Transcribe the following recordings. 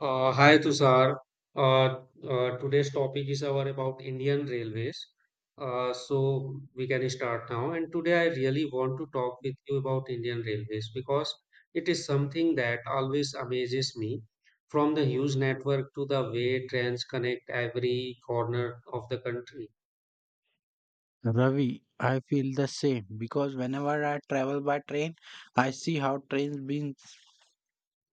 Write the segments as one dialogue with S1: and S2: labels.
S1: Hi Tushar. Uh, Today's topic is our about Indian railways. So we can start now. And today I really want to talk with you about Indian railways because it is something that always amazes me. From the huge network to the way trains connect every corner of the country.
S2: Ravi, I feel the same because whenever I travel by train, I see how trains bring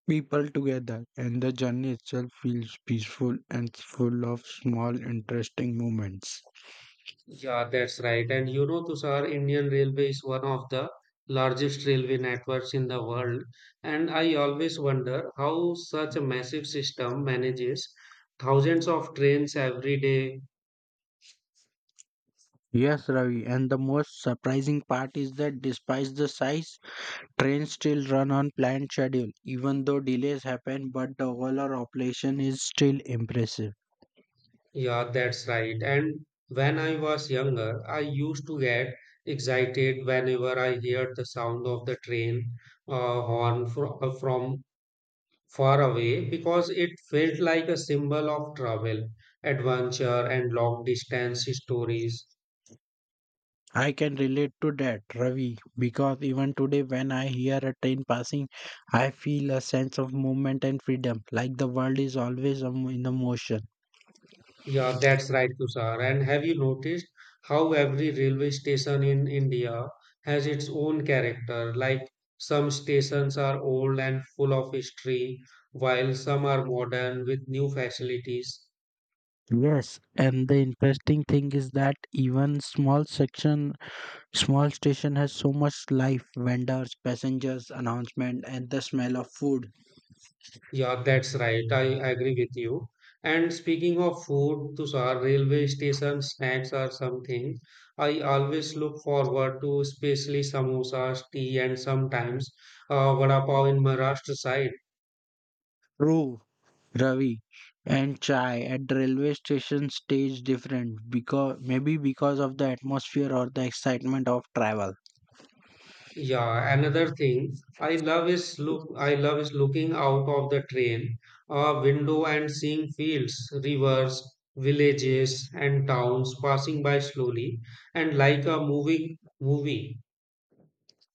S2: people together, and the journey itself feels peaceful and full of small, interesting moments.
S1: Yeah, that's right. And you know, Tushar, Indian Railway is one of the largest railway networks in the world. And I always wonder how such a massive system manages thousands of trains every day.
S2: Yes, Ravi, and the most surprising part is that despite the size, trains still run on planned schedule. Even though delays happen, but the overall operation is still impressive.
S1: Yeah, that's right. And when I was younger, I used to get excited whenever I heard the sound of the train from far away because it felt like a symbol of travel, adventure, and long distance stories.
S2: I can relate to that, Ravi, because even today, when I hear a train passing, I feel a sense of movement and freedom, like the world is always in a motion.
S1: Yeah, that's right, Tushar. And have you noticed how every railway station in India has its own character? Like some stations are old and full of history, while some are modern with new facilities.
S2: Yes, and the interesting thing is that small station has so much life, vendors, passengers, announcement, and the smell of food.
S1: Yeah, that's right. I agree with you. And speaking of food, Tushar, railway station snacks are something I always look forward to, especially samosas, tea, and sometimes vada pav in Maharashtra side.
S2: True, Ravi, and chai at the railway station stays different because maybe because of the atmosphere or the excitement of travel.
S1: Yeah, another thing I love is looking out of the train window and seeing fields, rivers, villages, and towns passing by slowly and like a moving movie.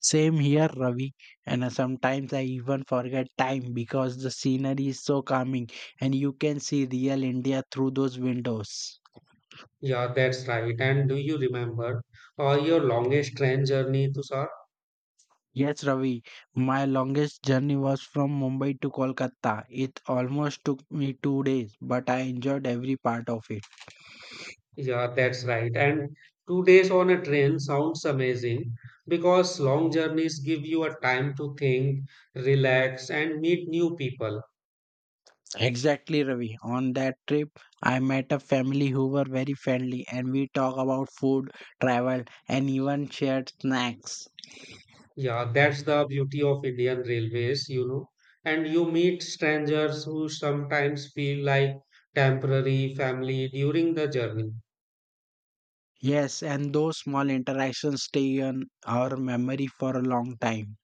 S2: Same here, Ravi, and sometimes I even forget time because the scenery is so calming and you can see real India through those windows.
S1: Yeah, that's right. And do you remember your longest train journey, Tushar?
S2: Yes, Ravi, my longest journey was from Mumbai to Kolkata. It almost took me 2 days, but I enjoyed every part of it.
S1: Yeah, that's right. And 2 days on a train sounds amazing because long journeys give you a time to think, relax, and meet new people.
S2: Exactly, Ravi. On that trip, I met a family who were very friendly and we talked about food, travel, and even shared snacks.
S1: Yeah, that's the beauty of Indian Railways, you know. And you meet strangers who sometimes feel like temporary family during the journey.
S2: Yes, and those small interactions stay on our memory for a long time.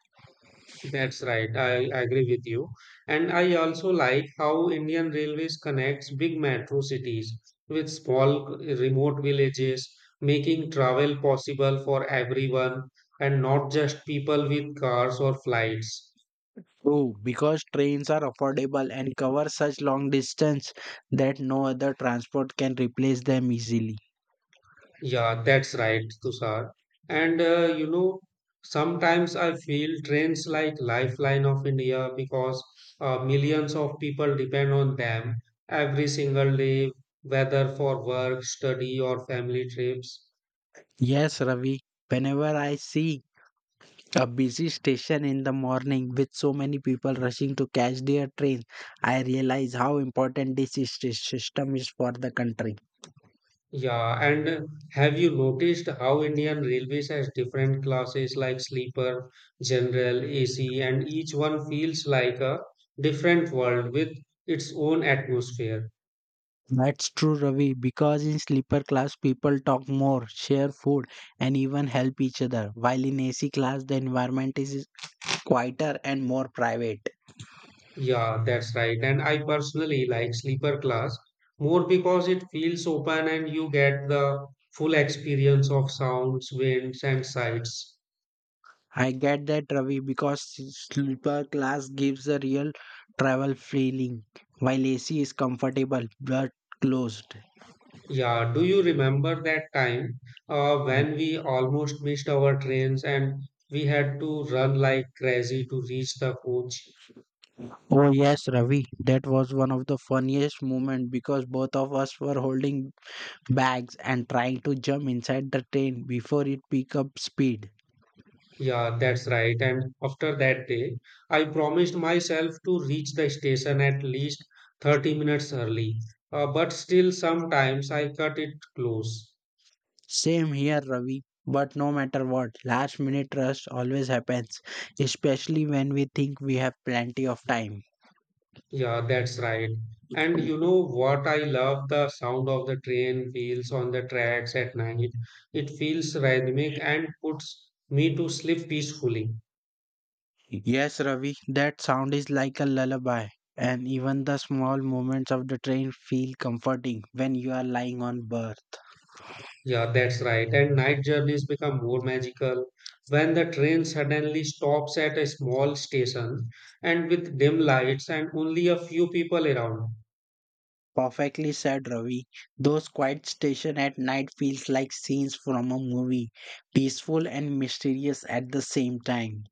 S1: That's right. I agree with you. And I also like how Indian Railways connects big metro cities with small remote villages, making travel possible for everyone and not just people with cars or flights.
S2: True, because trains are affordable and cover such long distance that no other transport can replace them easily.
S1: Yeah, that's right, Tushar. And sometimes I feel trains like lifeline of India because millions of people depend on them every single day, whether for work, study, or family trips.
S2: Yes, Ravi, whenever I see a busy station in the morning with so many people rushing to catch their train, I realize how important this system is for the country.
S1: Yeah, and Have you noticed how Indian Railways has different classes like sleeper, general, AC, and each one feels like a different world with its own atmosphere?
S2: That's true, Ravi, because in sleeper class, people talk more, share food, and even help each other, while in AC class, the environment is quieter and more private.
S1: Yeah, that's right. And I personally like sleeper class more because it feels open and you get the full experience of sounds, winds, and sights.
S2: I get that, Ravi, because sleeper class gives a real travel feeling, while AC is comfortable but closed.
S1: Yeah, do you remember that time
S2: Mm.
S1: when we almost missed our trains and we had to run like crazy to reach the coach?
S2: Oh yes, Ravi. That was one of the funniest moments because both of us were holding bags and trying to jump inside the train before it picked up speed.
S1: Yeah, that's right. And after that day, I promised myself to reach the station at least 30 minutes early. But still, sometimes I cut it close.
S2: Same here, Ravi. But no matter what, last minute rush always happens, especially when we think we have plenty of time.
S1: Yeah, that's right. And you know what? I love the sound of the train wheels on the tracks at night. It feels rhythmic and puts me to sleep peacefully.
S2: Yes, Ravi, that sound is like a lullaby. And even the small moments of the train feel comforting when you are lying on berth.
S1: Yeah, that's right. And night journeys become more magical when the train suddenly stops at a small station and with dim lights and only a few people around.
S2: Perfectly said, Ravi. Those quiet station at night feels like scenes from a movie, peaceful and mysterious at the same time.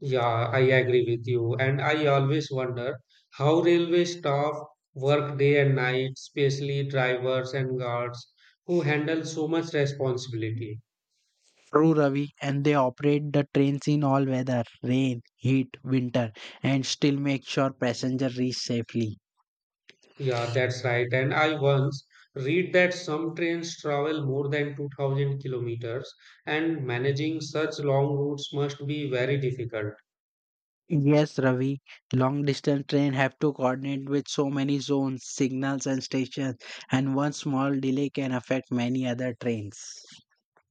S1: Yeah, I agree with you. And I always wonder how railway staff work day and night, especially drivers and guards who handle so much responsibility.
S2: True, Ravi, and they operate the trains in all weather rain, heat, winter, and still make sure passengers reach safely.
S1: Yeah, that's right. And I once read that some trains travel more than 2000 kilometers, and managing such long routes must be very difficult.
S2: Yes, Ravi, long distance train have to coordinate with so many zones, signals, and stations, and one small delay can affect many other trains.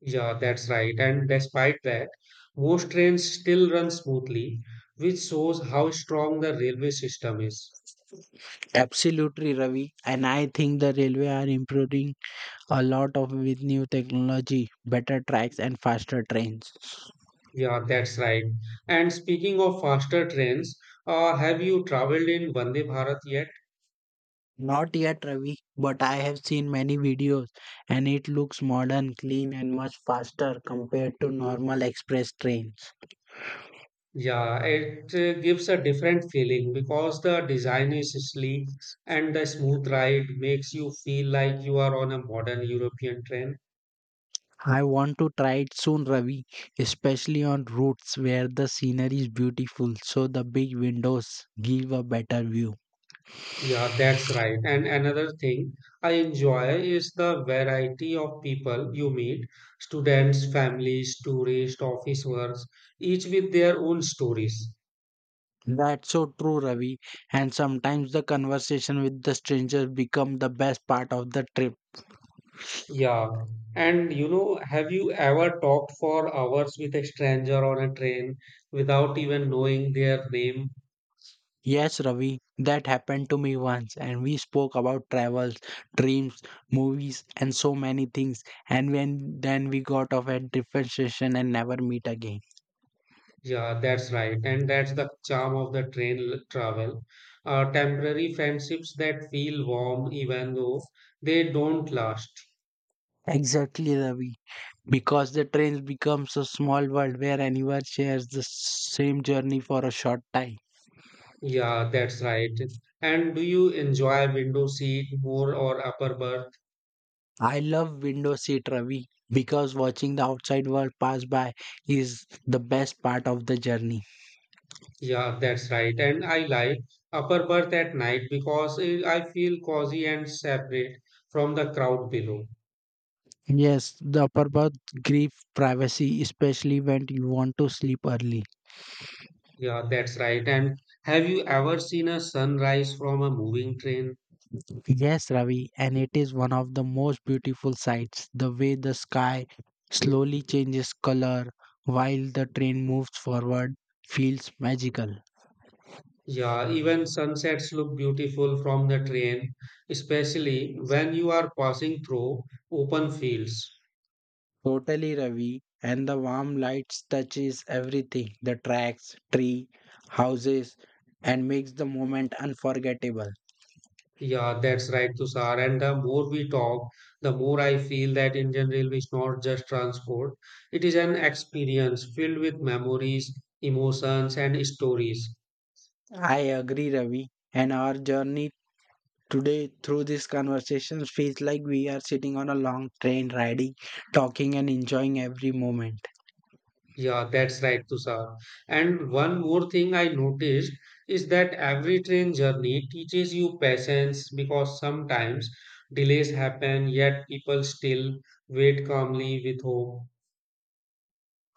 S1: Yeah, that's right. And despite that, most trains still run smoothly, which shows how strong the railway system is.
S2: Absolutely, Ravi, and I think the railway are improving a lot of with new technology, better tracks, and faster trains.
S1: Yeah, that's right. And speaking of faster trains, have you traveled in Vande Bharat yet?
S2: Not yet, Ravi, but I have seen many videos and it looks modern, clean, and much faster compared to normal express trains.
S1: Yeah, it gives a different feeling because the design is sleek and the smooth ride makes you feel like you are on a modern European train.
S2: I want to try it soon, Ravi, especially on routes where the scenery is beautiful so the big windows give a better view.
S1: Yeah, that's right. And another thing I enjoy is the variety of people you meet, students, families, tourists, office workers, each with their own stories.
S2: That's so true, Ravi, and sometimes the conversation with the strangers become the best part of the trip.
S1: Yeah. And you know, have you ever talked for hours with a stranger on a train without even knowing their name?
S2: Yes, Ravi, that happened to me once, and we spoke about travels, dreams, movies, and so many things. And when then we got off at different station and never meet again.
S1: Yeah, that's right. And that's the charm of the travel. Temporary friendships that feel warm even though they don't last.
S2: Exactly, Ravi, because the trains becomes a small world where anyone shares the same journey for a short time.
S1: Yeah, that's right. And do you enjoy window seat more or upper berth?
S2: I love window seat, Ravi, because watching the outside world pass by is the best part of the journey.
S1: Yeah, that's right. And I like upper berth at night because I feel cozy and separate from the crowd below.
S2: Yes, the upper berth grief privacy, especially when you want to sleep early.
S1: Yeah, that's right. And have you ever seen a sunrise from a moving train?
S2: Yes, Ravi, and it is one of the most beautiful sights. The way the sky slowly changes color while the train moves forward feels magical.
S1: Yeah, even sunsets look beautiful from the train, especially when you are passing through open fields.
S2: Totally, Ravi, and the warm lights touches everything, the tracks, tree, houses, and makes the moment unforgettable.
S1: Yeah, that's right, Tushar. And the more we talk, the more I feel that Indian Railway is not just transport. It is an experience filled with memories, emotions, and stories.
S2: I agree, Ravi, and our journey Today, through this conversation, feels like we are sitting on a long train riding, talking, and enjoying every moment.
S1: Yeah, that's right, Tushar. And one more thing I noticed is that every train journey teaches you patience because sometimes delays happen, yet people still wait calmly with hope.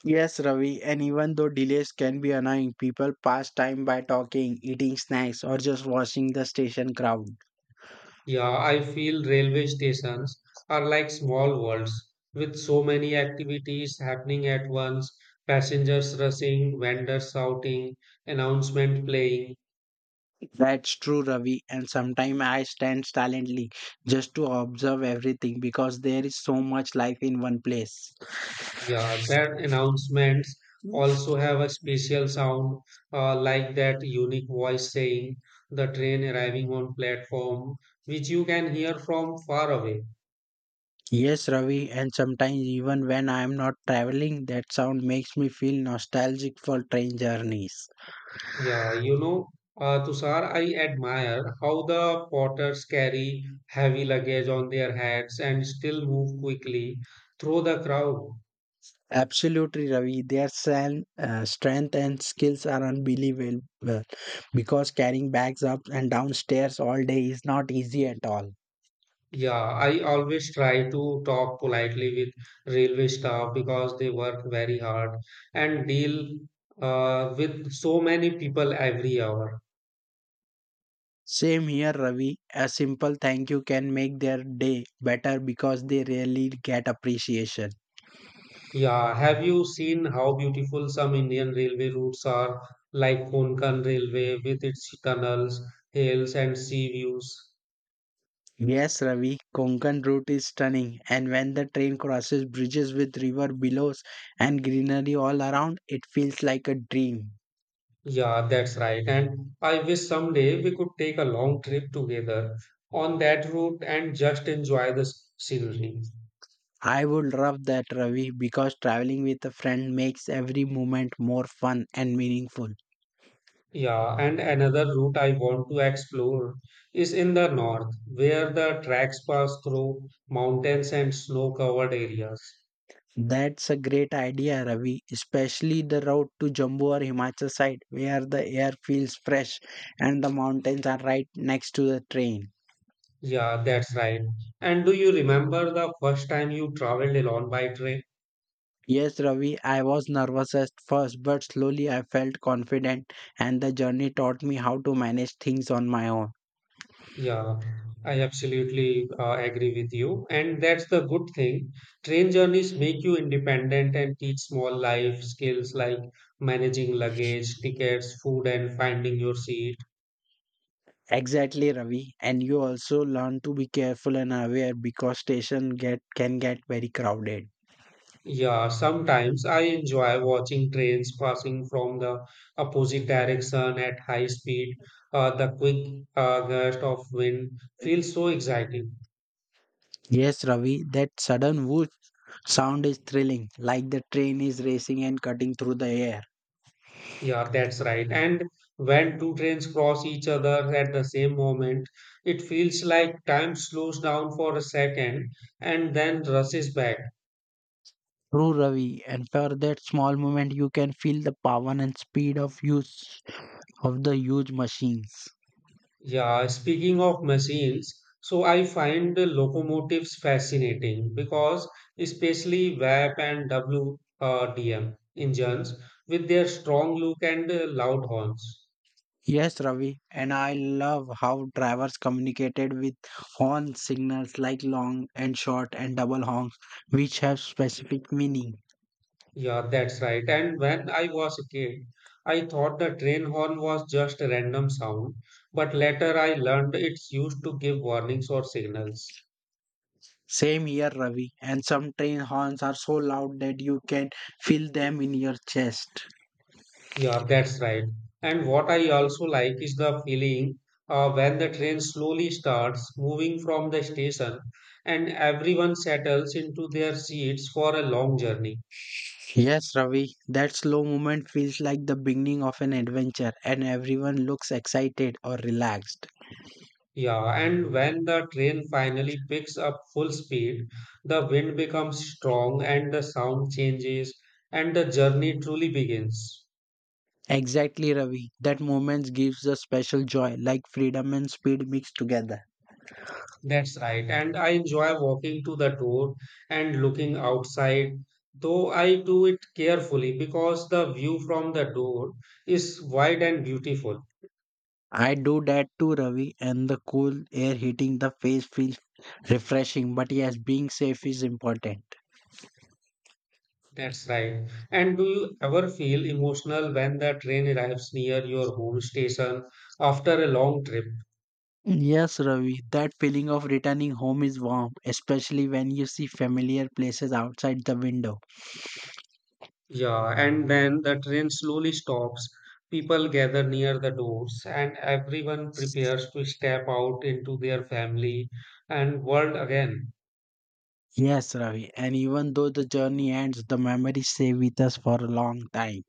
S2: Yes, Ravi, and even though delays can be annoying, people pass time by talking, eating snacks, or just watching the station crowd.
S1: Yeah, I feel railway stations are like small worlds with so many activities happening at once, passengers rushing, vendors shouting, announcement playing.
S2: That's true, Ravi, and sometimes I stand silently just to observe everything because there is so much life in one place.
S1: Yeah, that announcements also have a special sound, like that unique voice saying the train arriving on platform, which you can hear from far away.
S2: Yes, Ravi, and sometimes even when I am not traveling, that sound makes me feel nostalgic for train journeys.
S1: Yeah. Tushar, I admire how the porters carry heavy luggage on their heads and still move quickly through the crowd.
S2: Absolutely, Ravi. Their strength and skills are unbelievable well, because carrying bags up and downstairs all day is not easy at all.
S1: Yeah, I always try to talk politely with railway staff because they work very hard and deal with so many people every hour.
S2: Same here, Ravi. A simple thank you can make their day better because they really get appreciation.
S1: Yeah, have you seen how beautiful some Indian railway routes are, like Konkan Railway with its tunnels, hills, and sea views?
S2: Yes, Ravi, Konkan route is stunning, and when the train crosses bridges with river billows and greenery all around, it feels like a dream.
S1: Yeah, that's right. And I wish someday we could take a long trip together on that route and just enjoy the scenery.
S2: I would love that, Ravi, because traveling with a friend makes every moment more fun and meaningful.
S1: Yeah, and another route I want to explore is in the north, where the tracks pass through mountains and snow-covered areas.
S2: That's a great idea, Ravi, especially the route to Jammu or Himachal side, where the air feels fresh and the mountains are right next to the train.
S1: Yeah, that's right. And do you remember the first time you traveled alone by train?
S2: Yes, Ravi, I was nervous at first, but slowly I felt confident, and the journey taught me how to manage things on my own.
S1: Yeah, I absolutely agree with you. And that's the good thing. Train journeys make you independent and teach small life skills like managing luggage, tickets, food, and finding your seat.
S2: Exactly, Ravi. And you also learn to be careful and aware because station get can get very crowded.
S1: Yeah, sometimes I enjoy watching trains passing from the opposite direction at high speed. The quick gust of wind feels so exciting.
S2: Yes, Ravi, that sudden whoosh sound is thrilling, like the train is racing and cutting through the air.
S1: Yeah, that's right. And when two trains cross each other at the same moment, it feels like time slows down for a second and then rushes back.
S2: True, Ravi, and for that small moment, you can feel the power and speed of the huge machines.
S1: Yeah, speaking of machines, so I find the locomotives fascinating because especially VAP and WDM engines with their strong look and loud horns.
S2: Yes, Ravi, and I love how drivers communicated with horn signals like long and short and double honks, which have specific meaning.
S1: Yeah, that's right. And when I was a kid, I thought the train horn was just a random sound, but later I learned it's used to give warnings or signals.
S2: Same here, Ravi, and some train horns are so loud that you can feel them in your chest.
S1: Yeah, that's right. And what I also like is the feeling when the train slowly starts moving from the station and everyone settles into their seats for a long journey.
S2: Yes, Ravi, that slow movement feels like the beginning of an adventure, and everyone looks excited or relaxed.
S1: Yeah, and when the train finally picks up full speed, the wind becomes strong and the sound changes and the journey truly begins.
S2: Exactly, Ravi, that moment gives a special joy, like freedom and speed mixed together.
S1: That's right. And I enjoy walking to the door and looking outside, though I do it carefully because the view from the door is wide and beautiful.
S2: I do that too, Ravi, and the cool air hitting the face feels refreshing. But yes, being safe is important.
S1: That's right. And do you ever feel emotional when the train arrives near your home station after a long trip?
S2: Yes, Ravi, that feeling of returning home is warm, especially when you see familiar places outside the window.
S1: Yeah, and then the train slowly stops. People gather near the doors, and everyone prepares to step out into their family and world again.
S2: Yes, Ravi, and even though the journey ends, the memories stay with us for a long time.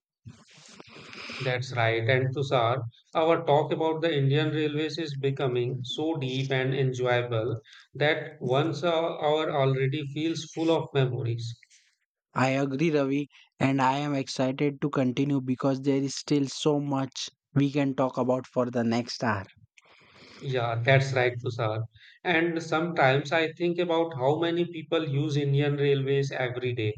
S1: That's right. And Tushar, our talk about the Indian Railways is becoming so deep and enjoyable that once our hour already feels full of memories.
S2: I agree, Ravi, and I am excited to continue because there is still so much we can talk about for the next hour.
S1: Yeah, that's right, Tushar. And sometimes I think about how many people use Indian Railways every day.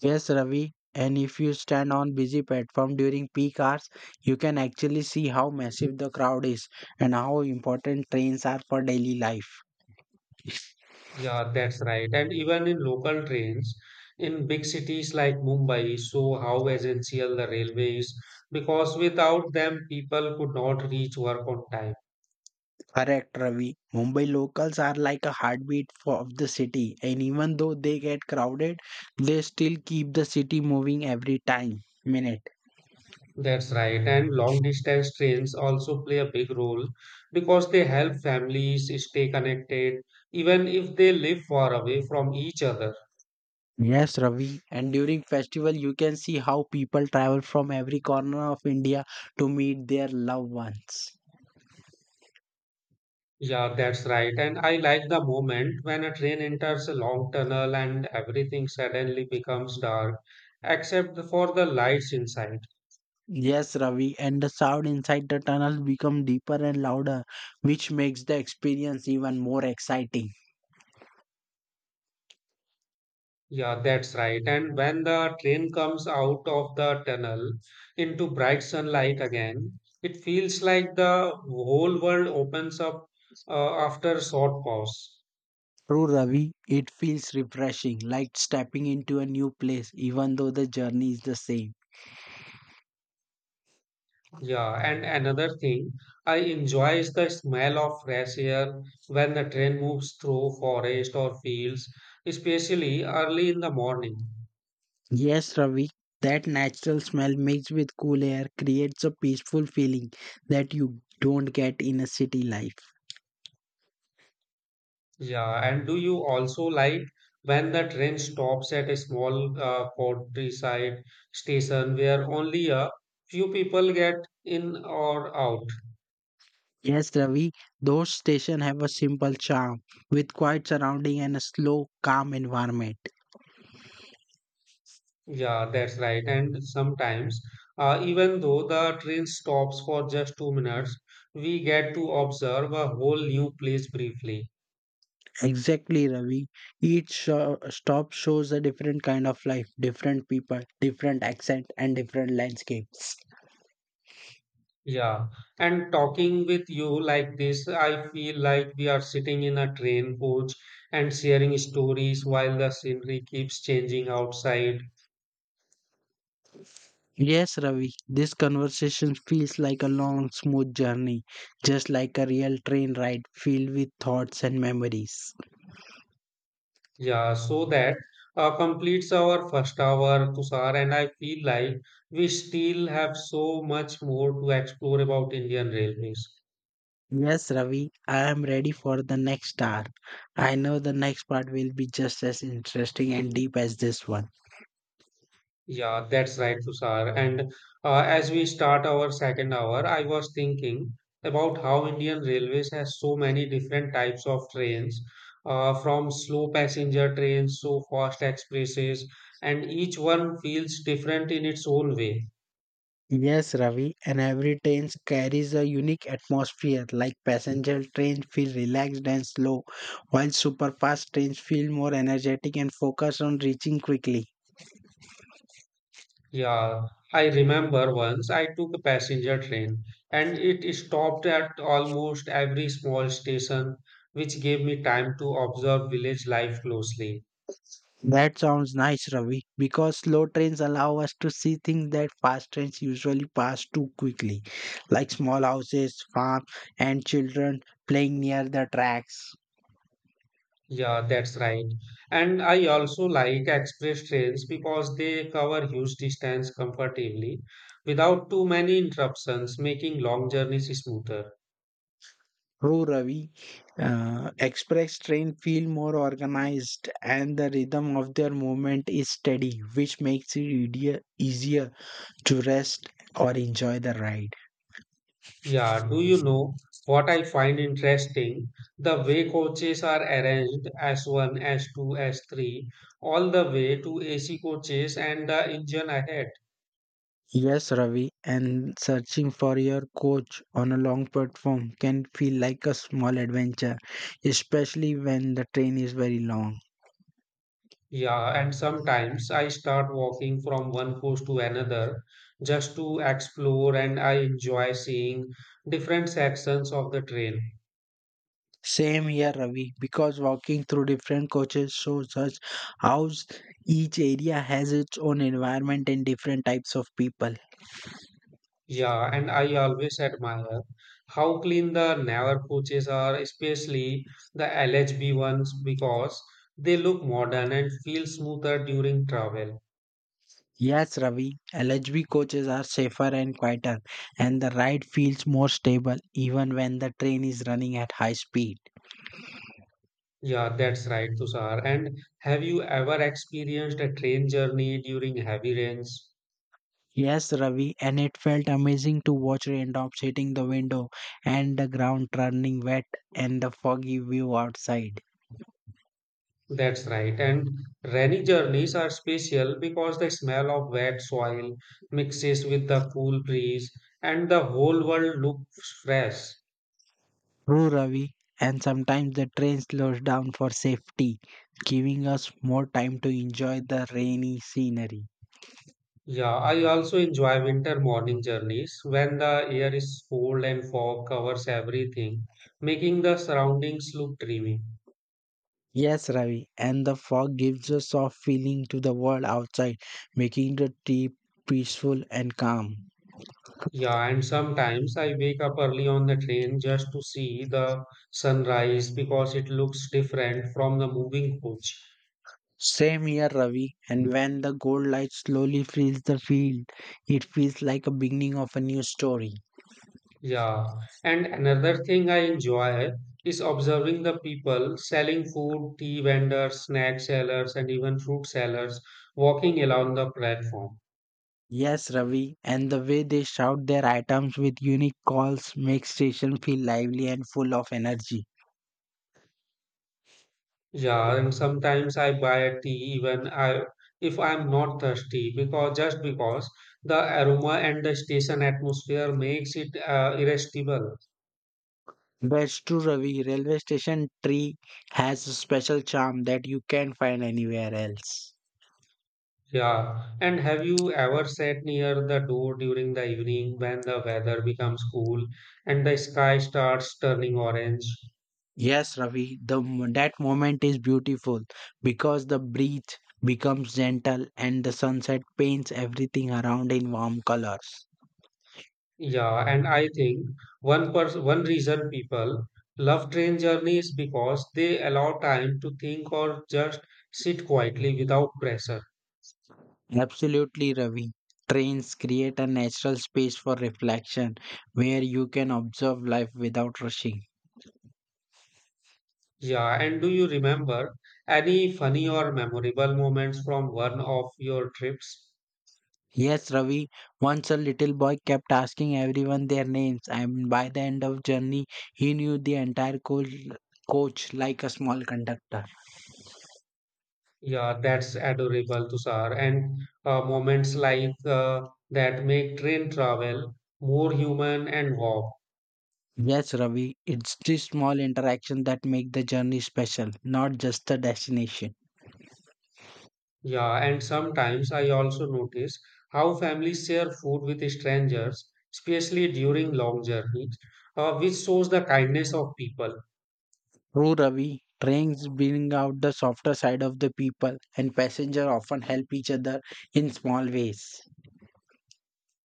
S2: Yes, Ravi. And if you stand on busy platform during peak hours, you can actually see how massive the crowd is and how important trains are for daily life.
S1: Yeah, that's right. And even in local trains, in big cities like Mumbai, so how essential the railways because without them, people could not reach work on time.
S2: Correct, Ravi. Mumbai locals are like a heartbeat of the city, and even though they get crowded, they still keep the city moving every time minute.
S1: That's right. And long distance trains also play a big role because they help families stay connected even if they live far away from each other.
S2: Yes, Ravi. And during festival, you can see how people travel from every corner of India to meet their loved ones.
S1: Yeah, that's right. And I like the moment when a train enters a long tunnel and everything suddenly becomes dark except for the lights inside.
S2: Yes, Ravi, and the sound inside the tunnel become deeper and louder, which makes the experience even more exciting.
S1: Yeah, that's right. And when the train comes out of the tunnel into bright sunlight again, it feels like the whole world opens up after a short pause.
S2: True, Ravi, it feels refreshing, like stepping into a new place, even though the journey is the same.
S1: Yeah, and another thing I enjoy is the smell of fresh air when the train moves through forest or fields, especially early in the morning.
S2: Yes, Ravi, that natural smell mixed with cool air creates a peaceful feeling that you don't get in a city life.
S1: Yeah, and do you also like when the train stops at a small countryside station where only a few people get in or out?
S2: Yes, Ravi, those stations have a simple charm, with quiet surrounding and a slow, calm environment.
S1: Yeah, that's right. And sometimes, even though the train stops for just 2 minutes, we get to observe a whole new place briefly.
S2: Exactly, Ravi. Each stop shows a different kind of life, different people, different accent, and different landscapes.
S1: Yeah, and talking with you like this, I feel like we are sitting in a train coach and sharing stories while the scenery keeps changing outside.
S2: Yes, Ravi, this conversation feels like a long, smooth journey, just like a real train ride filled with thoughts and memories.
S1: Yeah, so that completes our first hour, Tushar, and I feel like we still have so much more to explore about Indian railways.
S2: Yes, Ravi, I am ready for the next hour. I know the next part will be just as interesting and deep as this one.
S1: Yeah, that's right, Tushar. And As we start our second hour, I was thinking about how Indian Railways has so many different types of trains, from slow passenger trains to fast expresses, and each one feels different in its own way.
S2: Yes, Ravi, and every train carries a unique atmosphere. Like passenger trains feel relaxed and slow, while super fast trains feel more energetic and focused on reaching quickly.
S1: Yeah, I remember once I took a passenger train, and it stopped at almost every small station, which gave me time to observe village life closely.
S2: That sounds nice, Ravi, because slow trains allow us to see things that fast trains usually pass too quickly, like small houses, farms, and children playing near the tracks.
S1: Yeah, that's right. And I also like express trains because they cover huge distance comfortably without too many interruptions, making long journeys smoother.
S2: Oh, Ravi, express train feel more organized and the rhythm of their movement is steady, which makes it easier to rest or enjoy the ride.
S1: Yeah, do you know what I find interesting? The way coaches are arranged s one, S two, S2, S3, all the way to AC coaches and the engine ahead.
S2: Yes, Ravi, and searching for your coach on a long platform can feel like a small adventure, especially when the train is very long.
S1: Yeah, and sometimes I start walking from one coast to another just to explore, and I enjoy seeing different sections of the trail.
S2: Same here, Ravi, because walking through different coaches shows us how each area has its own environment and different types of people.
S1: Yeah, and I always admire how clean the Navar coaches are, especially the LHB ones, because they look modern and feel smoother during travel.
S2: Yes, Ravi, LHB coaches are safer and quieter, and the ride feels more stable even when the train is running at high speed.
S1: Yeah, that's right, Tushar. And have you ever experienced a train journey during heavy rains?
S2: Yes, Ravi, and it felt amazing to watch raindrops hitting the window and the ground turning wet and the foggy view outside.
S1: That's right. And rainy journeys are special because the smell of wet soil mixes with the cool breeze and the whole world looks fresh.
S2: True, Ravi, and sometimes the train slows down for safety, giving us more time to enjoy the rainy scenery.
S1: Yeah, I also enjoy winter morning journeys when the air is cold and fog covers everything, making the surroundings look dreamy.
S2: Yes, Ravi, and the fog gives a soft feeling to the world outside, making the trip peaceful and calm.
S1: Yeah, and sometimes I wake up early on the train just to see the sunrise because it looks different from the moving coach.
S2: Same here, Ravi, and when the gold light slowly fills the field, it feels like a beginning of a new story.
S1: Yeah, and another thing I enjoy is observing the people selling food, tea vendors, snack sellers, and even fruit sellers walking along the platform.
S2: Yes, Ravi, and the way they shout their items with unique calls makes station feel lively and full of energy.
S1: Yeah, and sometimes I buy a tea even I if I'm not thirsty because just because the aroma and the station atmosphere makes it irresistible.
S2: That's true, Ravi. Railway station tree has a special charm that you can't find anywhere else.
S1: Yeah, and have you ever sat near the door during the evening when the weather becomes cool and the sky starts turning orange?
S2: Yes, Ravi, that moment is beautiful because the breeze becomes gentle and the sunset paints everything around in warm colors.
S1: Yeah, and I think one reason people love train journeys because they allow time to think or just sit quietly without pressure.
S2: Absolutely, Ravi. Trains create a natural space for reflection where you can observe life without rushing.
S1: Yeah, and do you remember any funny or memorable moments from one of your trips?
S2: Yes, Ravi, once a little boy kept asking everyone their names and by the end of journey he knew the entire coach like a small conductor.
S1: Yeah, that's adorable, Tushar. And Moments like that make train travel more human and warm.
S2: Yes, Ravi, it's the small interaction that make the journey special, not just the destination.
S1: Yeah, and sometimes I also notice how families share food with strangers, especially during long journeys, which shows the kindness of people.
S2: True, Ravi, trains bring out the softer side of the people, and passengers often help each other in small ways.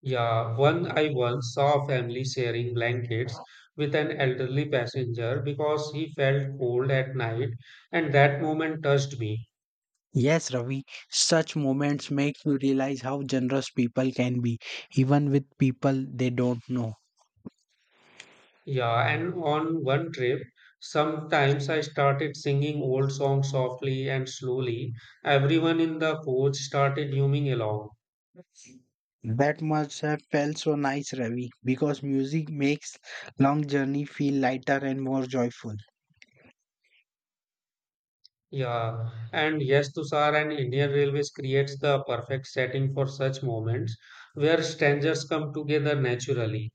S1: Yeah, one I once saw a family sharing blankets with an elderly passenger because he felt cold at night, and that moment touched me.
S2: Yes, Ravi, such moments make you realize how generous people can be, even with people they don't know.
S1: Yeah, and on one trip, sometimes I started singing old songs softly and slowly. Everyone in the coach started humming along.
S2: That must have felt so nice, Ravi, because music makes long journey feel lighter and more joyful.
S1: Yeah, and yes, Tushar and Indian Railways creates the perfect setting for such moments where strangers come together naturally.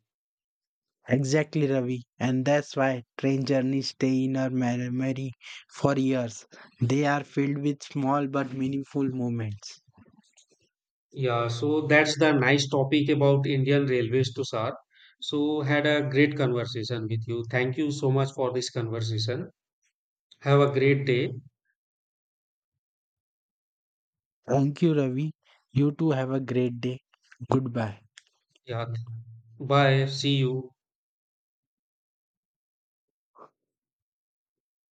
S2: Exactly, Ravi. And that's why train journeys stay in our memory for years. They are filled with small but meaningful moments.
S1: Yeah, so that's the nice topic about Indian Railways, Tushar. So had a great conversation with you. Thank you so much for this conversation. Have a great day.
S2: Thank you, Ravi. You too have a great day. Goodbye.
S1: Yeah, bye. See you.